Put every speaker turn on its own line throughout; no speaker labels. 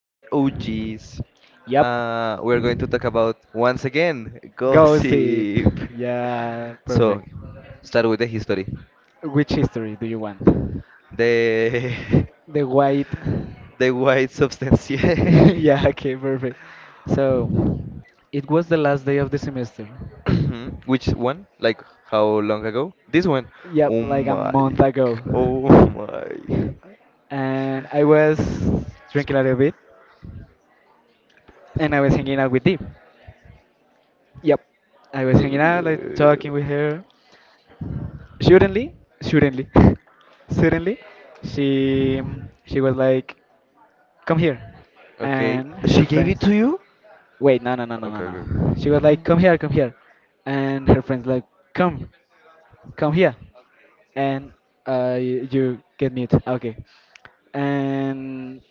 for the OGs.
Yep,
We're going to talk about once again
gossip.
gossip.
Yeah,
So,
perfect.
start with the history.
Which history do you want?
The
The white.
the white substance. yeah.
yeah, okay, perfect. So, it was the last day of the semester.
Which one? Like how long ago? This one.
Yep,
Oh
like a
my.
month
g-
ago.
Oh my God.
And I was drinking a little bit and I was hanging out with Dee. Yep, I was hanging out, like
Oh.
talking with her. Suddenly, suddenly, suddenly, she she was like, "Come here,"
Okay.
and
She
her
gave it
friends.
to you?
Wait, no, no, no, no, no,
Okay, okay, okay,
no. She
okay.
was like, come here," and her friends like, "Come, come here," and you get mute. Okay, and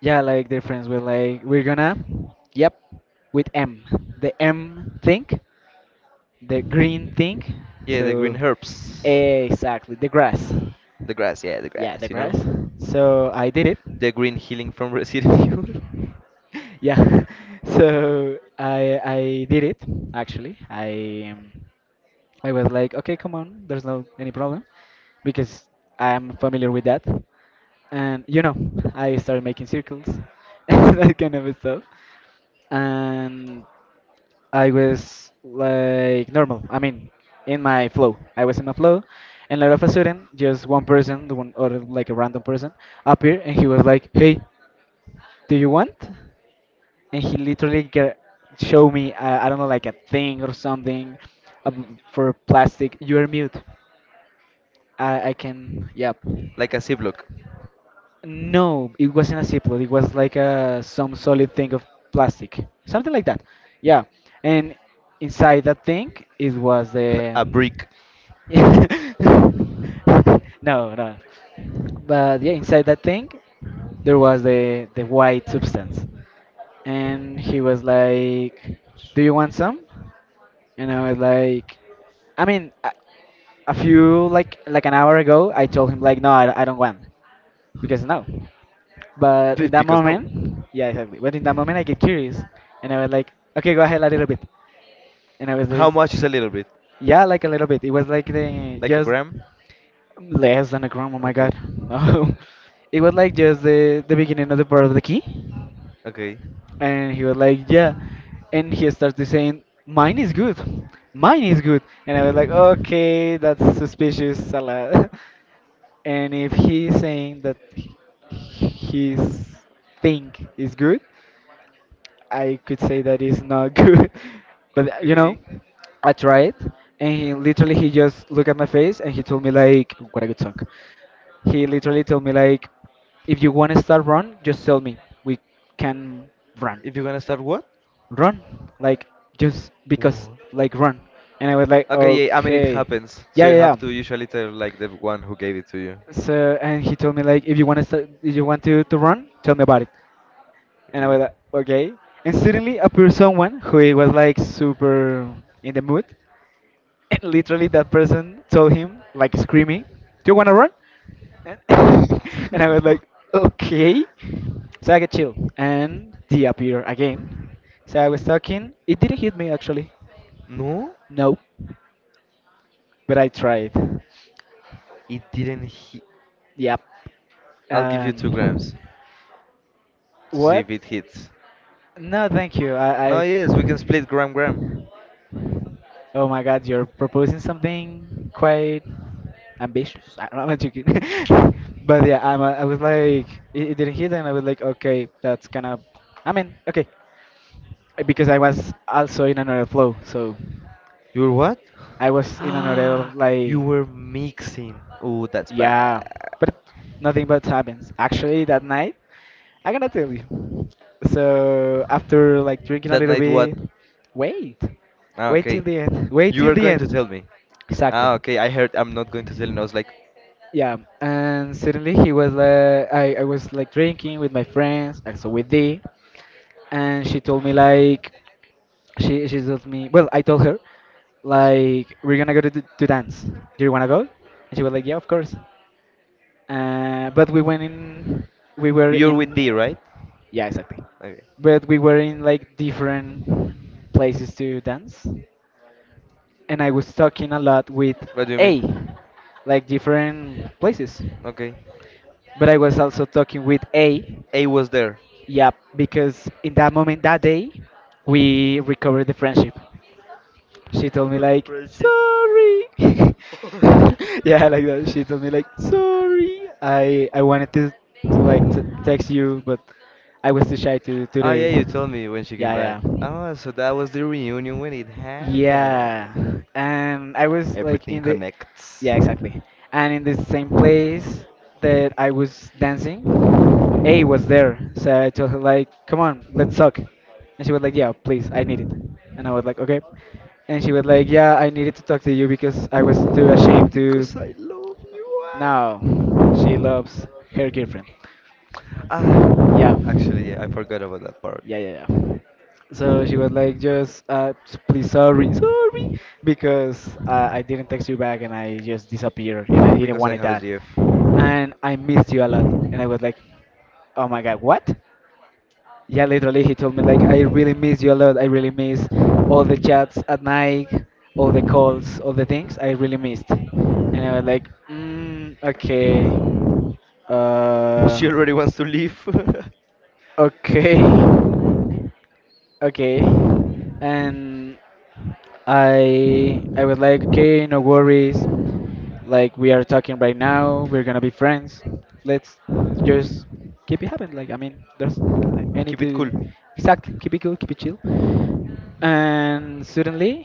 yeah, like their friends were like, "We're gonna, yep, with M, the M thing," the green thing.
Yeah, the
So
green herbs.
exactly the grass.
The grass, yeah, the
Yeah, the
grass, you know?
grass. So I did it.
The green healing from Resident Evil.
yeah. So I did it actually. I was like, okay, come on, there's no any problem because I'm familiar with that. And you know, I started making circles and that kind of stuff. And I was like normal. I mean, in my flow. I was in my flow, and out of a sudden, just one person, the one or like a random person, appeared, and he was like, "Hey, do you want?" And he literally get, show me, I don't know, like a thing or something, for plastic. You're mute. I can. Yep.
like a C-block.
No, it wasn't a ziploc. It was like a some solid thing of plastic, something like that. Yeah, and inside that thing, it was the.
a brick.
no, no. But yeah, inside that thing, there was the white substance, and he was like, "Do you want some?" And I was like, "I mean, a few like an hour ago, I told him like, no, I don't want, because no." But in that
Because no.
moment, yeah, exactly. But in that moment, I get curious, and I was like, okay, go ahead a little bit. And I was
How
just,
much is a little bit?
yeah, like a little bit. It was like the
Like a
just
gram?
less than a gram. Oh my god,
Okay.
no. It was like just the beginning of the part of the key,
Okay.
and he was like, yeah, and he started saying, mine is good, and I was like, okay, that's suspicious, a lot. and if he's saying that his thing is good, I could say that is not good, but you know,
Okay.
I tried, and he literally he just looked at my face and he told me like, what a good song. He literally told me like, if you want to start run, just tell me. We can run,
If you're gonna start what?
run, like just because,
What?
like run. And I was like,
Okay, yeah, I mean it
okay,
happens. So
yeah,
you
yeah, yeah.
have to usually tell like the one who gave it to you.
So and he told me like, if you want to, if you want to run, tell me about it. And I
Okay.
was like, okay. And suddenly appeared someone who was like super in the mood. And literally that person told him, like screaming, do you wanna run? And, and I was
What?
like, okay. So I get chill. And they appear again. So I was talking. It didn't hit me actually.
No,
No. But I tried.
it didn't hit.
Yep.
I'll give you 2 grams
And
to see
what?
if it hits.
No, thank you.
No,
I
yes, we can split gram.
oh my God, you're proposing something quite ambitious. I- don't know, I'm not joking. But yeah, I'm, I was like, it didn't hit, and I was like, okay, that's kind of, I mean, okay. Because I was also in another flow, so
You were what?
I was in another,
Ah, you
like,
were mixing. Oh, that's
yeah,
bad.
but nothing but happens. Actually, that night, I'm to tell you. So after like drinking a
That
little
night what?
bit, wait,
Ah,
wait till
okay.
the end, wait
You
till
were
the
going to
end.
tell me. Ah,
Exactly.
okay. I heard I'm not going to tell you, and I was like,
Yeah, and suddenly he was like, I was like drinking with my friends, and so with Dee, and she told me like, she told me, well, I told her like we're gonna go to to dance. Do you wanna go? And she was like, yeah, of course. But we went in, we were
you're with
in,
D, right?
yeah, exactly.
Okay.
But we were in like different places to dance, and I was talking a lot with
What do you mean?
A, like different places.
Okay.
But I was also talking with A.
A was there.
Yeah, because in that moment, that day, we recovered the friendship. She told me like,
Friendship.
sorry. yeah, like that. She told me like, sorry. I wanted to like text you, but I was too shy to do
Oh yeah,
it.
you told me when she came
Yeah,
back.
yeah.
Oh, so that was the reunion when it happened.
Yeah, and I was like
Everything
in the
connects.
yeah, exactly. And in the same place that I was dancing, A was there, so I told her like, "Come on, let's talk," and she was like, "Yeah, please, I need it," and I was like, "Okay," and she was like, "Yeah, I needed to talk to you because I was too ashamed to."
Because I love you. Ah,
Now, she loves her girlfriend. Yeah,
Ah, actually, yeah, I forgot about that part.
yeah, yeah, yeah. So she was like, "Just please, sorry, sorry," because I didn't text you back and I just disappeared and I didn't
Because I
wanted
have a
that,
GF.
and I missed you a lot, and I was like, "Oh my God, what?" Yeah, literally, he told me like, I really miss you a lot. I really miss all the chats at night, all the calls, all the things. I really missed. And I was like, mm, okay, uh,
She already wants to leave.
okay, okay. And I was like, okay, no worries. Like we are talking right now, we're gonna be friends. Let's just keep it happen. Like I mean, there's like, any
Keep it cool.
to exactly keep it cool, keep it chill. And suddenly,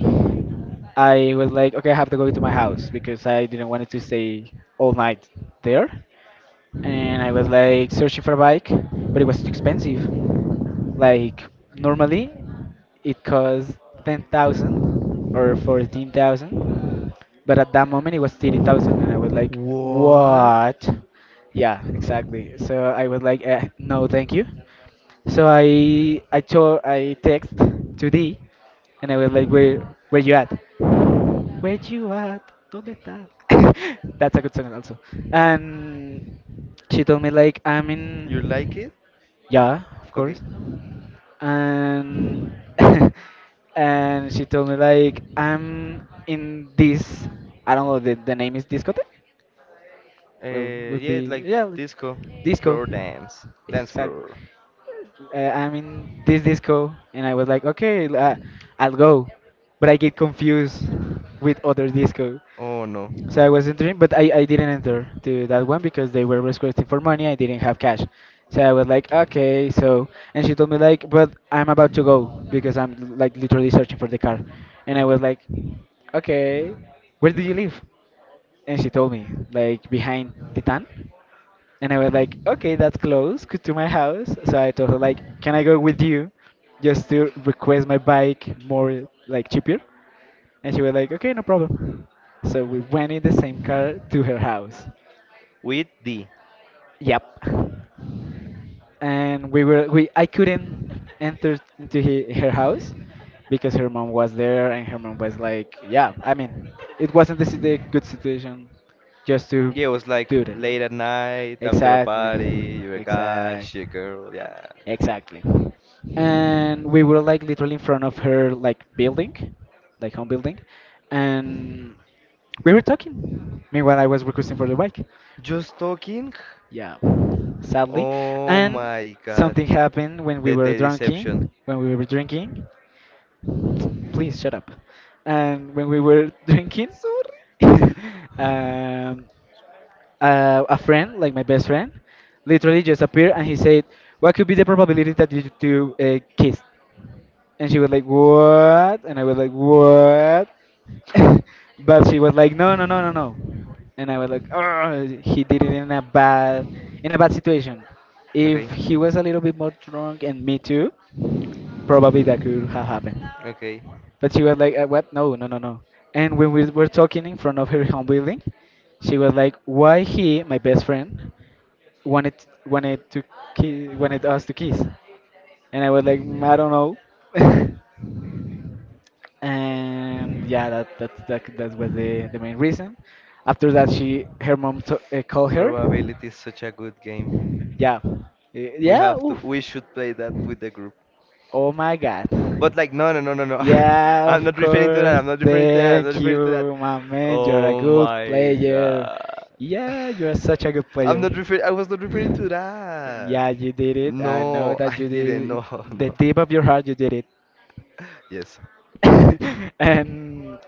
I was like, okay, I have to go to my house because I didn't want to stay all night there. And I was like searching for a bike, but it was too expensive. Like normally, it cost 10,000 or 14,000, but at that moment it was 30,000, and I was like,
What?
what? Yeah, exactly. So I was like, eh, no, thank you. So I text to D, and I was like, where you at? Where you at? ¿Dónde estás?" That's a good song also. And she told me like, "I'm
You like
in,
it?
yeah, of
Okay.
course." And and she told me like, "I'm in this. I don't know the name is discotheque." Well,
Uh,
would
yeah,
be
like
yeah, like
disco,
disco.
floor dance, dance
Exactly.
floor.
I'm in this disco, and I was like, okay, I'll go, but I get confused with other disco.
Oh no.
So I was entering, but I didn't enter to that one because they were requesting for money. I didn't have cash. So I was like, okay, so. And she told me, like, but I'm about to go because I'm like literally searching for the car. And I
Okay.
was like, okay, where do you live? And she told me, like, behind Titan. And I was like, okay, that's close to my house. So I told her, like, can I go with you just to request my bike more, like, cheaper? And she was like, okay, no problem. So we went in the same car to her house.
With D.
Yep. And we were we I couldn't enter into her house because her mom was there and her mom was like, yeah, I mean, it wasn't the, the good situation just to
Yeah, it was like
do that.
late at night, after a
Exactly.
party, you're a guy,
Exactly.
she a girl, yeah.
Exactly. And we were like literally in front of her like building, like home building, and we were talking. Meanwhile, I was requesting for the bike.
Just talking?
Yeah, sadly.
Oh
And
my god.
something happened when we
The
were
Teddy
drinking.
deception.
When we were drinking, please shut up. And when we were drinking,
Sorry.
um, a friend, like my best friend, literally just appeared and he said, "What could be the probability that you two kiss?" And she was like, what? And I was like, what? but she was like, no, no, no, no, no. And I was like, oh, he did it in a bad situation. If
Okay.
he was a little bit more drunk and me too, probably that could have happened.
Okay.
But she was like, what? No, no, no, no. And when we were talking in front of her home building, she was like, why he, my best friend, wanted wanted to wanted us to kiss, and I was like, "Mm, I don't know. and yeah, that was the main reason. After that, she her mom called her.
Probability is such a good game.
Yeah.
We
Yeah,
have
oof.
to. We should play that with the group.
Oh my god.
But like, no, no, no, no, no.
Yeah,
I'm
of
not referring to that.
course,
I'm not referring to that. I'm not
thank
referring to that.
you, my man, you're a
Oh
good
my
player.
god.
Yeah, you're such a good
I'm
player.
not referring. I was not referring to that.
Yeah, you did it, I know
No,
that
I
you
didn't.
did it.
No,
The
no.
deep of your heart you did
Yes.
it.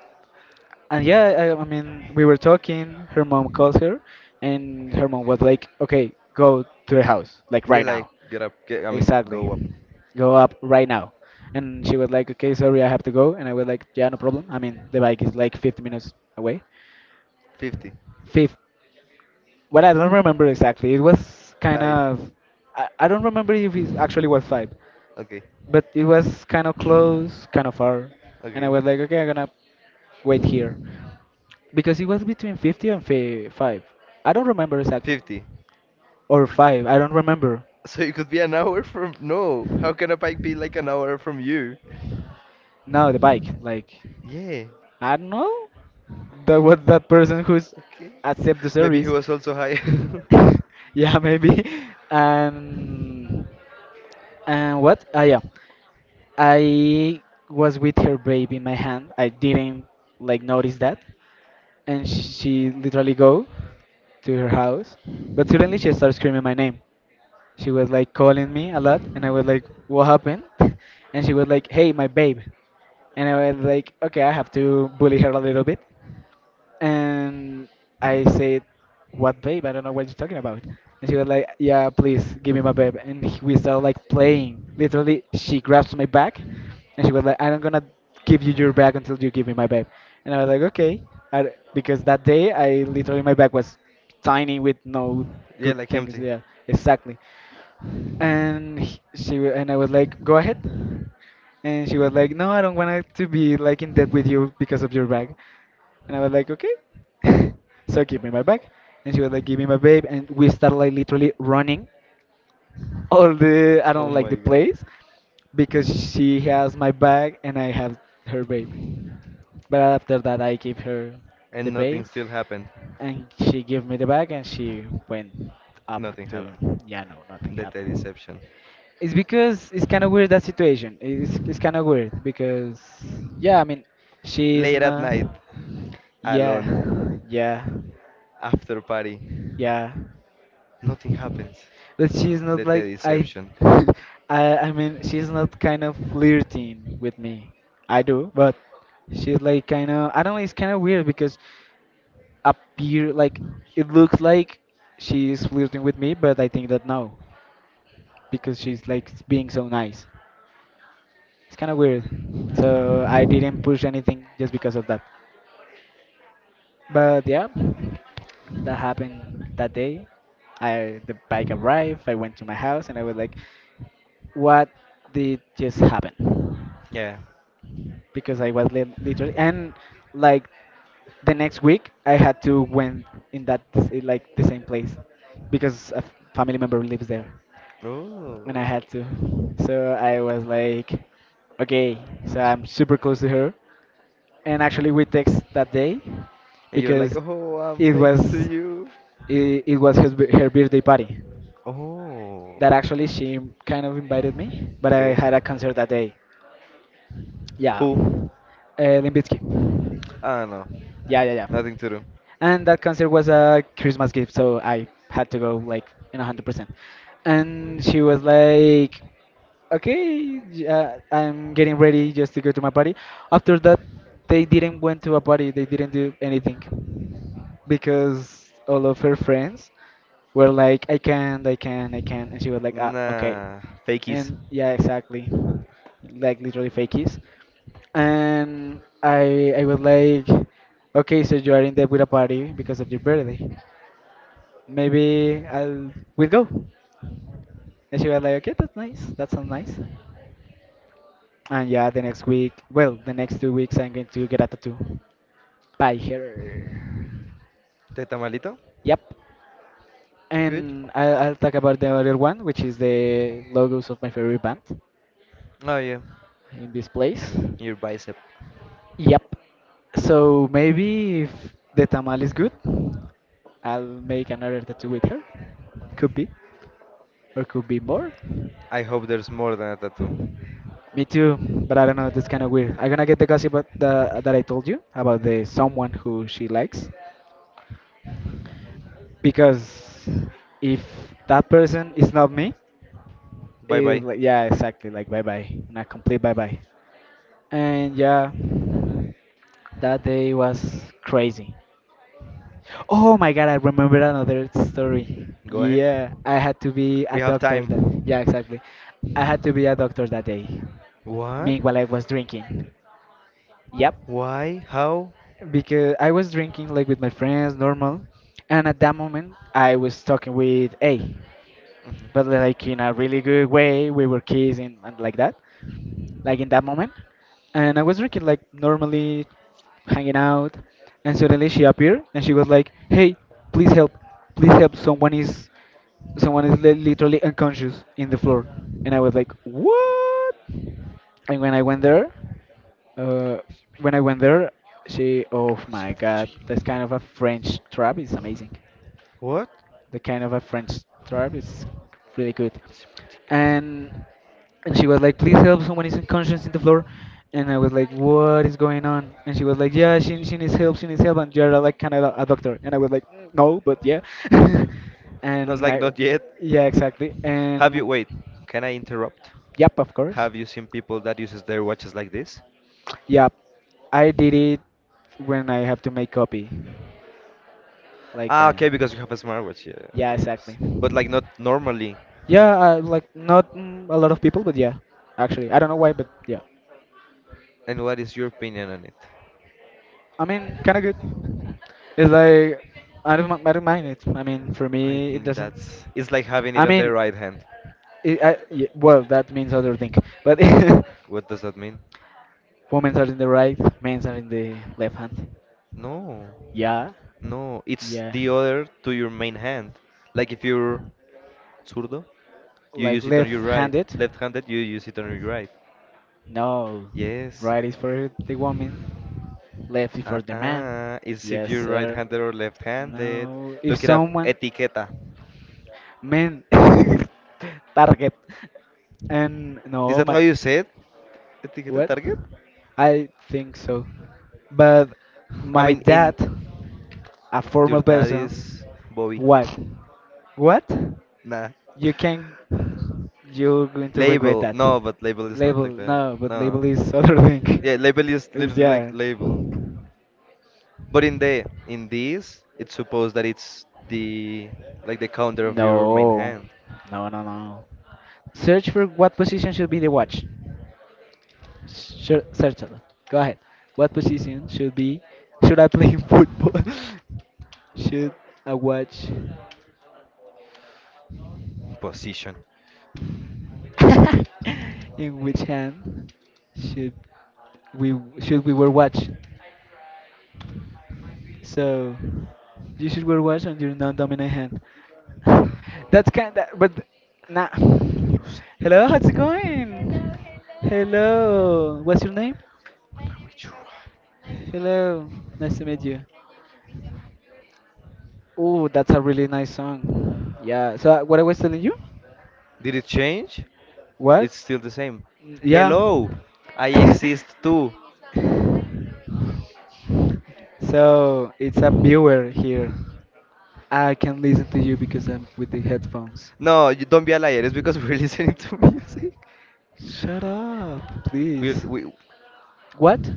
and yeah, I mean, we were talking. Her mom calls her, and her mom was like, "Okay, go to the house, like
Yeah,
right
like
now."
get up. Get. I mean,
Exactly,
go up.
go up right now. And she was like, "Okay, sorry, I have to go." And I was like, "Yeah, no problem. I mean, the bike is like 50 minutes away."
50.
Fifth, what, I don't remember exactly. It was kind
Five.
of, I don't remember if it actually was five,
Okay.
but it was kind of close, kind of far. And I
Okay.
was like, "Okay, I'm gonna wait here," because it was between 50 and 5. I don't remember exactly.
50.
Or 5, I don't remember.
So it could be an hour from. No. How can a bike be like an hour from you?
No, the bike. Like
Yeah.
I don't know. That was that person who's
Okay.
accept the
Maybe he
service.
was also high.
Yeah, maybe. And and what? Ah, yeah. I was with her baby in my hand. I didn't like notice that, and she literally go to her house. But suddenly she starts screaming my name. She was like calling me a lot, and I was like, what happened? And she was like, "Hey, my babe." And I was like, okay, I have to bully her a little bit. And I said, "What babe? I don't know what you're talking about." And she was like, "Yeah, please give me my babe." And we started like playing. Literally, she grabs my back and she was like, "I'm not gonna give you your back until you give me my babe." And I was like, okay, I d because that day I literally, my back was tiny with no
Yeah,
good
like
things.
empty.
Yeah, exactly. And and I was like, "Go ahead." And she was like, "No, I don't want to be like in debt with you because of your bag." And I was like, "Okay." So give me my bag. And she was like, "Give me my babe." And we started like literally running all the, I
Oh
don't like
my
the
god.
place, because she has my bag and I have her babe. But after that, I gave her the
And nothing
babe,
still happened.
and she gave me the bag, and she went up
Nothing
to,
happened.
yeah, no, nothing
That's a
happened.
deception.
It's because it's kind of weird that situation. It's kind of weird because, yeah, I mean, she's
Late at
not.
night, alone,
Yeah, yeah,
after party.
yeah.
Nothing happens.
But she's not
That's a
like I.
deception.
I mean, she's not kind of flirting with me. I do, but she's like kind of, I don't know. It's kind of weird because appear like, it looks like she's flirting with me, but I think that no, because she's like being so nice. It's kind of weird. So I didn't push anything just because of that. But yeah, that happened that day. I the bike arrived. I went to my house and I was like, "What did just happen?"
Yeah.
Because I was literally and like the next week I had to went in like the same place because a family member lives there. And I
Oh.
had to. So I was like, okay, so I'm super close to her. And actually, we text that day
And you're like,
because
oh, I'm
it
next to
was
you.
it was her birthday party.
Oh.
That actually she kind of invited me, but I
Okay.
had a concert that day. Yeah,
Who?
Limbitsky.
I don't know.
Yeah, yeah, yeah.
Nothing to do.
And that concert was a Christmas gift, so I had to go like in 100%. And she was like, okay, I'm getting ready just to go to my party. After that, they didn't went to a party. They didn't do anything because all of her friends were like, "I can't, I can't, I can't." And she was like, ah, okay.
Nah. Fakies.
And yeah, exactly. Like literally fakies. And I was like, okay, so you are in debt with a party because of your birthday. Maybe I'll we'll go. And she was like, okay, that's nice. That sounds nice. And yeah, the next week, well, the next 2 weeks, I'm going to get a tattoo by her.
¿Te tamalito?
Yep.
Good.
And I'll talk about the other one, which is the logos of my favorite band
Oh yeah.
in this place.
Your bicep.
Yep. So maybe if the tamal is good, I'll make another tattoo with her. Could be, or could be more.
I hope there's more than a tattoo.
Me too, but I don't know. That's kind of weird. I'm gonna get the gossip about that I told you about, the someone who she likes, because if that person is not me,
Bye
it,
bye.
like, yeah, exactly. Like bye bye, not complete bye bye. And yeah, that day was crazy. Oh my god, I remember another story.
Go ahead.
Yeah, I had to be a
We have
doctor that. Yeah,
time.
exactly. I had to be a doctor that day.
What?
Meanwhile, I was drinking. Yep,
Why? How?
because I was drinking like with my friends, normal. And at that moment, I was talking with A, but like in a really good way. We were kissing and like that, like in that moment. And I was drinking like normally, hanging out, and suddenly she appeared and she was like, "Hey, please help, please help! Someone is literally unconscious in the floor." And I was like, "What?" And when I went there, uh, when I went there, she, oh my god, that's kind of a French trap is amazing.
What?
The kind of a French trap. It's really good. And and she was like, "Please help! Someone is unconscious in the floor." And I was like, "What is going on?" And she was like, "Yeah, she needs help. She needs help. And you're like kind of a doctor." And I was like, "Mm, no, but yeah."
And I was
And
like,
I,
not yet.
yeah, exactly.
Have
And
you, wait, can I interrupt?
yep, of course.
Have you seen people that uses their watches like this?
Yep, I did it when I have to make copy, like
Ah,
that.
okay, because you have a smartwatch, yeah, of
Yeah, exactly.
course. But like not normally.
Yeah, I, like not a lot of people, but yeah, actually, I don't know why, but yeah,
And what is your opinion on it?
I mean, kind of good. It's like I don't, I don't mind it. I mean, for
I
me, it
think
doesn't.
that's, it's like having it
I
on the
mean,
right hand.
I, yeah, well, that means other thing, but
What does that mean?
women are in the right, men are in the left hand.
No,
Yeah,
no, it's
yeah,
the other to your main hand. Like if you're zurdo, you
like
use it on your right.
left-handed.
Left-handed, you use it on your right.
No,
Yes.
right is for the woman, left is for the man.
Uh-uh. It's if
Yes,
you're
sir.
right-handed or left-handed.
No, if
Look it up.
someone,
Etiqueta.
man, target. And
Is
no,
that how
my
you say it? Etiqueta
what?
target?
I think so. But
I
my
mean, in
dad, a
your
formal person,
daddy's Bobby.
what? What?
Nah.
You can, you're going to regret
Label.
that.
No, but label is not
Label,
like that.
no, but
No.
label is other thing.
Yeah, label is
Is
literally like
yeah.
label. But in the in this, it's supposed that it's the like the counter of your main
No.
hand
No, no, no. Search for what position should be the watch. Sure, certainly. Go ahead. What position should be, should I play in football? Should I watch
position.
in which hand should should we wear watch? So you should wear watch on your non-dominant hand. That's kind of, but nah.
Luce,
Hello, how's it going? Hello, what's your name?
dame.
Hello, nice to meet you. Oh, that's a really nice song. Yeah. So what I was telling you?
Did it change?
What?
It's still the same.
Mm, yeah.
Hello, I exist too.
So it's a viewer here. I can listen to you because I'm with the headphones.
No, you don't be a liar. It's because we're listening to music.
Shut up,
We
please.
we
What?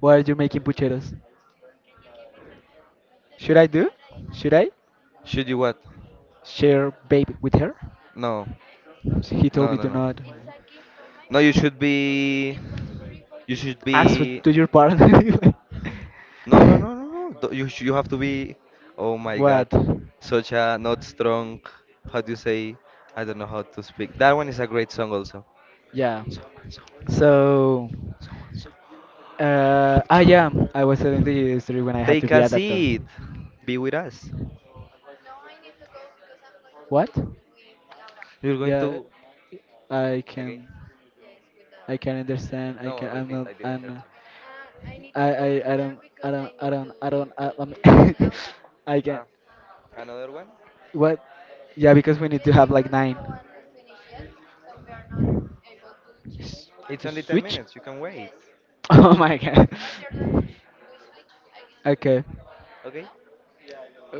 Why are you making pucheros? Should I do? Should I
should you what?
share babe with her?
No,
He told
no,
me
no,
to
no.
not.
No, you should be. You should
Ask
be.
to your partner.
No, no, no, no, no. You you have to be. Oh my God,
What?
such a not strong. How do you say? I don't know how to speak. That one is a great song also.
Yeah. So,
I love to.
yeah, I was telling the history when I had to
Take
be
a
a doctor.
seat. Be with us.
What?
You're going
Yeah,
to.
I
Again?
can, I can understand. I can.
No,
I'm
repeat.
not.
I didn't
I'm.
hear
Not,
you.
I. I. I don't. I don't. I don't. I don't. I, I'm- I can.
Ah, another one?
What? Yeah, because we need to have like nine. S-
It's
To
only 10
switch?
minutes. You can wait.
Oh my god. Okay.
Okay?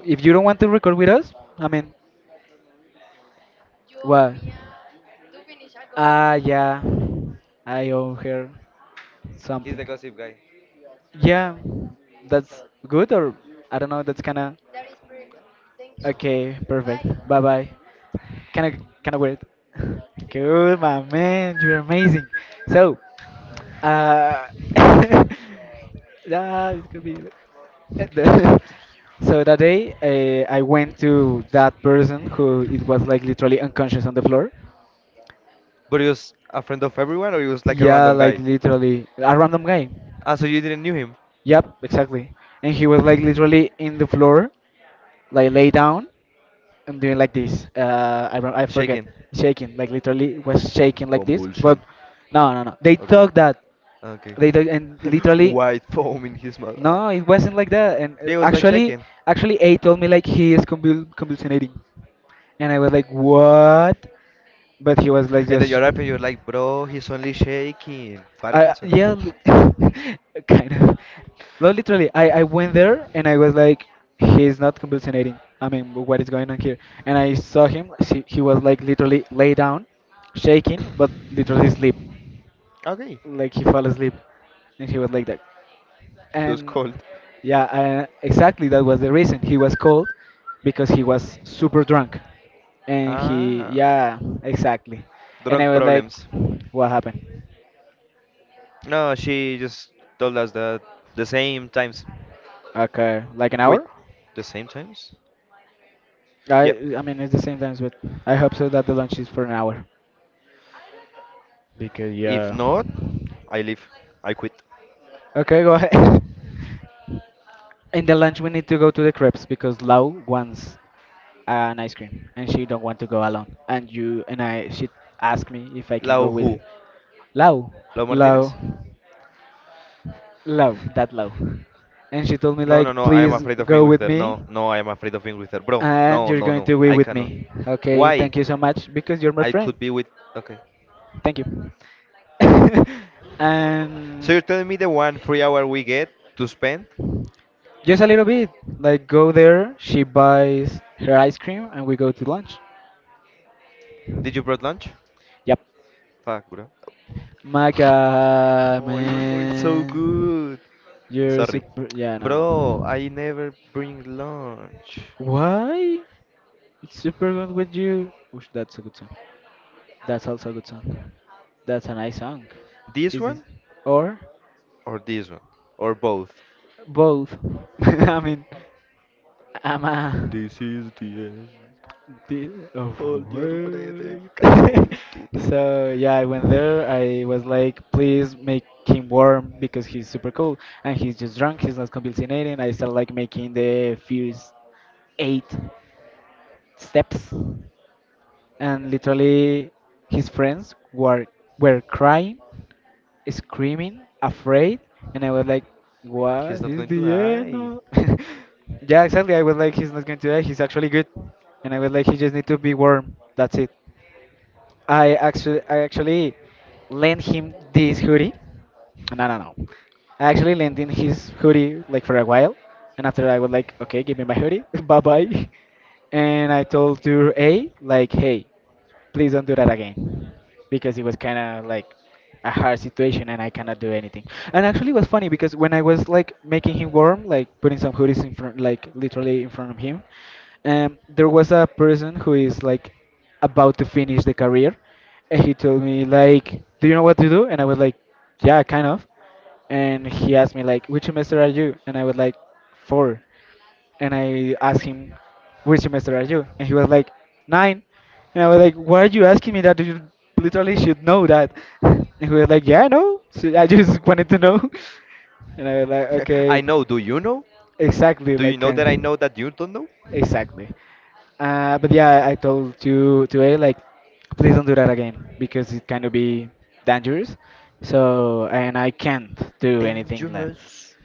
If you don't want to record with us, I mean, what? Ah, yeah. I owe her
He's the
something.
gossip guy.
Yeah, that's good, or I don't know, that's kinda. Okay, perfect. Bye bye. Kinda weird. Good, my man. You're amazing. So, uh, it could be. the- so that day, I went to that person who it was like literally unconscious on the floor.
But he was a friend of everyone, or he was like a
Yeah,
random
like
guy?
literally a random guy.
Ah, so you didn't knew him?
Yep, exactly. And he was like literally in the floor, like lay down, I'm doing like this. I do I forget
Shaking.
shaking, like literally was shaking like this. But
Convulsion.
no, no, no. They
Okay.
thought that
Okay.
and literally
White foam in his mouth.
no, it wasn't like that. And
They was like shaking.
actually, A told me like he is convulsionating, and I was like, what? But he was like
And then
just.
you're up and you're like, bro, he's only shaking.
I
Parkinson.
yeah, kind of. No, literally, I went there and I was like, he's not hallucinating. I mean, what is going on here? And I saw him. He was like literally lay down, shaking, but literally asleep,
Okay.
like he fell asleep, and he was like that.
He was
And
cold.
yeah, exactly, that was the reason. He was cold because he was super drunk, and he
Ah,
yeah, exactly. And I
drunk
was like,
problems.
what happened?
No, she just told us that the same times.
Okay, like an
Wait,
hour?
the same times? Yep.
I mean it's the same times, but I hope so that the lunch is for an hour, because
If
yeah.
not, I leave. I quit.
Okay, go ahead. In the lunch we need to go to the crepes because Lau wants an ice cream and she don't want to go alone. And you and I she asked me if I can
Lau
go with
who?
her. Lau,
Lau
Lau,
Martinez?
Lau, that Lau. And she told me
No, no,
like
no. I am
please
afraid of being
go
with
with
her. No,
me
no. I am afraid of being with her, bro.
and
No,
you're
no,
going
no.
to be
I
with
cannot.
me. Okay,
Why?
thank you so much because you're my
I
friend.
could be with. Okay.
Thank you.
So you're
And
telling me the one free hour we get to spend?
just a little bit, like go there. She buys her ice cream, and we go to lunch.
Did you brought lunch?
Yep.
Fuck, bro.
My God,
Oh, it was going so
man,
good.
you're
Sorry.
super. Yeah, no.
Bro, I never bring lunch.
Why? It's super good with you. Oosh, that's a good song. That's also a good song. That's a nice song.
This
Is it
one
or
this one? Or both?
both? I mean,
Okay.
I'm a
This is the end.
The, oh,
Hold your breath and
word.
count to ten.
So yeah, I went there. I was like, please make him warm because he's super cool and he's just drunk. He's not compensating. I started like making the first eight steps, and literally his friends were crying, screaming, afraid, and I was like,
He's
what
not
is
going
the
to
end?
die.
Of-" Yeah, exactly. I was like, he's not going to die. He's actually good, and I was like, he just need to be warm. That's it. I actually lent him this hoodie. No, no, no. I actually lent him his hoodie like for a while, and after I was like, okay, give me my hoodie, bye bye. And I told to A like, hey please don't do that again because it was kind of like a hard situation and I cannot do anything. And actually, it was funny because when I was like making him warm, like putting some hoodies in front, like literally in front of him, there was a person who is like about to finish the career, and he told me like, "Do you know what to do?" And I was like, "Yeah, kind of." And he asked me like, "Which semester are you?" And I was like, "Four." And I asked him, "Which semester are you?" And he was like, nine. And I was like, "Why are you asking me that? You literally should know that." And he was like, "Yeah, I know. So I just wanted to know." And I was like,
I
"Okay,
know. Do you know?
exactly,
Do you
like,
know that I know that you don't know?
exactly." But yeah, I told to A like, please don't do that again because it kind of be dangerous. So and I can't do anything like.
Dangerous.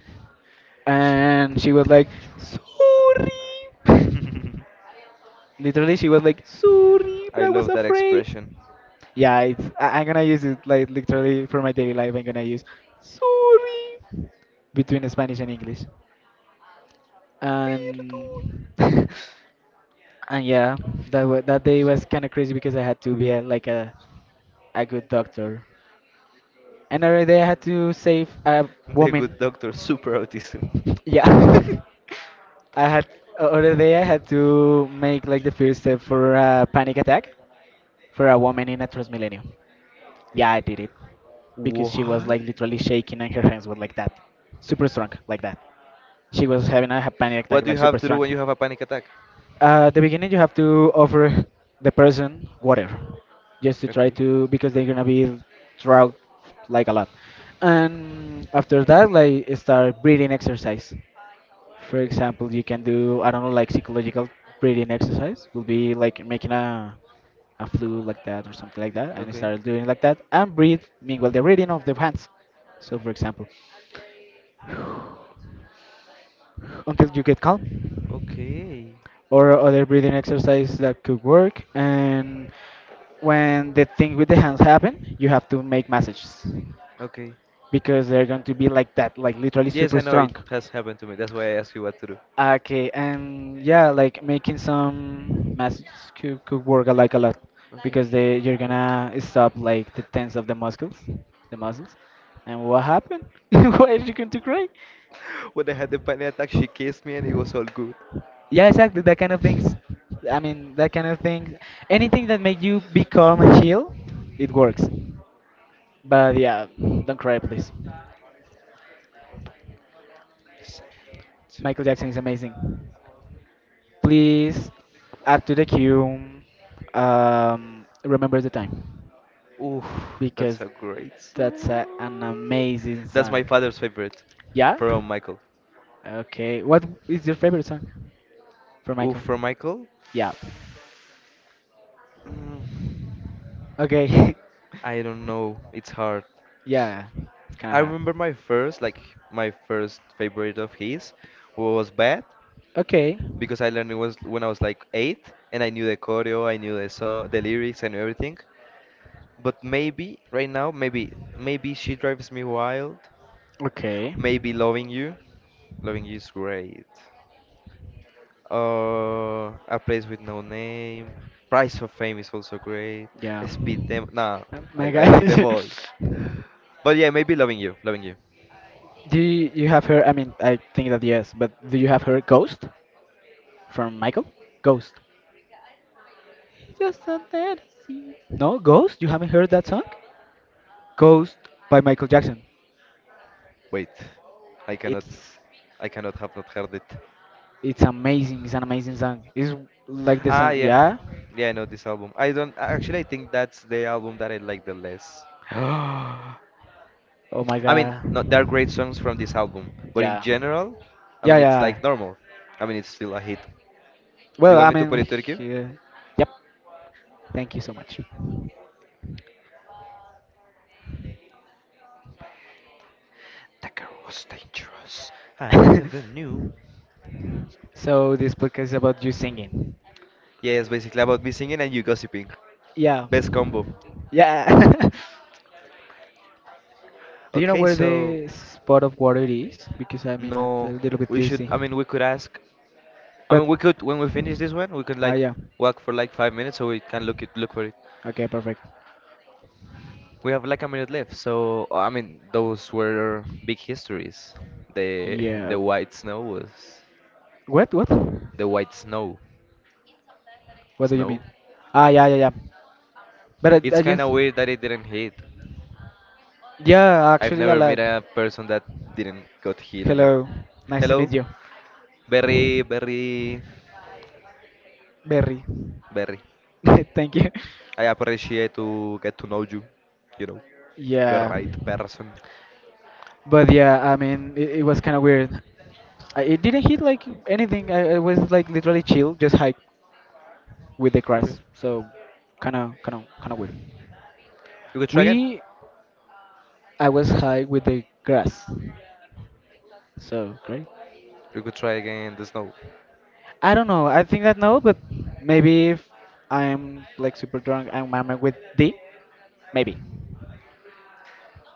She know.
And she was like, "Sorry." Literally, she was like, "Sorry, but
I
I was
love that
afraid."
expression.
Yeah, it's, I, I'm gonna use it like literally for my daily life. I'm gonna use "sorry" between Spanish and English, and and yeah, that day was kind of crazy because I had to be a, like a good doctor, and day I had to save a
The good
woman.
doctor, super autism.
Yeah. I had other day I had to make like the first step for a panic attack for a woman in a Transmilenio. Yeah, I did it because she was
What?
like literally shaking and her hands were like that, super strong, like that. She was having a ha- panic attack,
What do
like
you have
super
to do
strong.
when you have a panic attack?
At the beginning, you have to offer the person water just to try
Okay.
to because they're gonna be drunk like a lot. And after that, like start breathing exercise. For
Okay.
example, you can do I don't know like psychological breathing exercise will be like making a flu like that or something like that and
Okay.
start doing like that and breathe meanwhile the reading of the hands. So for example, until you get calm
Okay.
or other breathing exercise that could work and when the thing with the hands happen, you have to make messages
Okay.
because they're going to be like that, like literally
Yes,
super
I know it
strong.
has happened to me. That's why I asked you what to do.
Okay, and yeah, like making some muscles could work a- like a lot
Okay.
because they you're gonna stop like the tense of the muscles, the muscles. And what happened? Why are you going to cry?
When I had the panic attack, she kissed me and it was all good.
Yeah, exactly, that kind of things. I mean, that kind of things. Anything that make you be calm and chill, it works. But yeah, don't cry, please. Michael Jackson is amazing. Please add to the queue. Remember the time.
Oof, that's
Because
a great
that's a, an
song.
amazing
That's my
song.
father's favorite
Yeah?
from Michael.
Okay. What is your favorite song for
Oof,
Michael?
from Michael?
Yeah.
Mm,
Okay.
I don't know. It's hard.
Yeah. It's kind of
I
hard.
remember my first, like my first favorite of his was Bad,
Okay.
because I learned it was when I was like eight, and I knew the choreo, I knew the song, the lyrics, I knew everything. But maybe right now, maybe she drives me wild.
Okay.
Maybe loving you is great. A place with no name. Price of Fame is also great.
Yeah.
Speed them. Nah,
My
I like them
God.
all. But yeah, maybe loving you, loving you.
Do you, you have heard? I mean, I think that yes, but do you have heard Ghost from Michael? Ghost. Just a dead No, Ghost? You haven't heard that song? Ghost by Michael Jackson.
Wait, I cannot,
It's
I cannot have not heard it.
It's amazing. It's an amazing song. It's like the
Ah,
song.
yeah.
Yeah.
Yeah, I know this album. I don't actually I think that's the album that I like the less.
Oh my
I mean,
god.
no, there are great songs from this album, but in
Yeah.
general, I
Yeah,
mean it's
yeah.
like normal. I mean it's still a hit. Do you
Well,
want
I
me to put
mean,
it Turkey?
yeah. Yep. Thank you so much.
That girl was dangerous. I never knew.
So this podcast is about you singing.
Yeah, it's basically about me singing and you gossiping.
Yeah.
Best combo.
Yeah. Do you know
Okay,
where
so
the spot of water is? Because I mean, I'm a
no,
little bit
we should.
thirsty.
I mean, we could ask. I
But
mean, we could when we finish this one, we can
ah,
like
yeah.
walk for like 5 minutes so we can look for it.
Okay, perfect.
We have like a minute left, so I mean those were big histories. The
Yeah.
the white snow was
What? What?
the white snow.
What do you mean?
Snow.
Ah, yeah, yeah, yeah. But
It's
I
kind
just,
of weird that it didn't hit.
yeah,
I've
actually, a
never met
lot.
a person that didn't got hit on it.
Hello, nice to
Hello,
meet you,
very
Berry.
very.
Thank you.
I appreciate to get to know you. You know, the
Yeah,
right person.
but yeah, I mean, it was kind of weird. I, it didn't hit like anything. I was like literally chill, just hike with the
Okay.
grass. So, kind of, kind of, kind of weird.
You could try again.
We, I was high with the grass. So great.
You could try again the snow.
I don't know. I think that no, but maybe if I am like super drunk and I'm with D, maybe.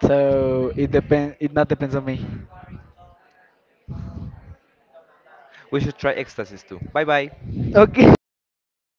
So it depend. It not depends on me.
We should try ecstasies too. Bye bye.
Okay.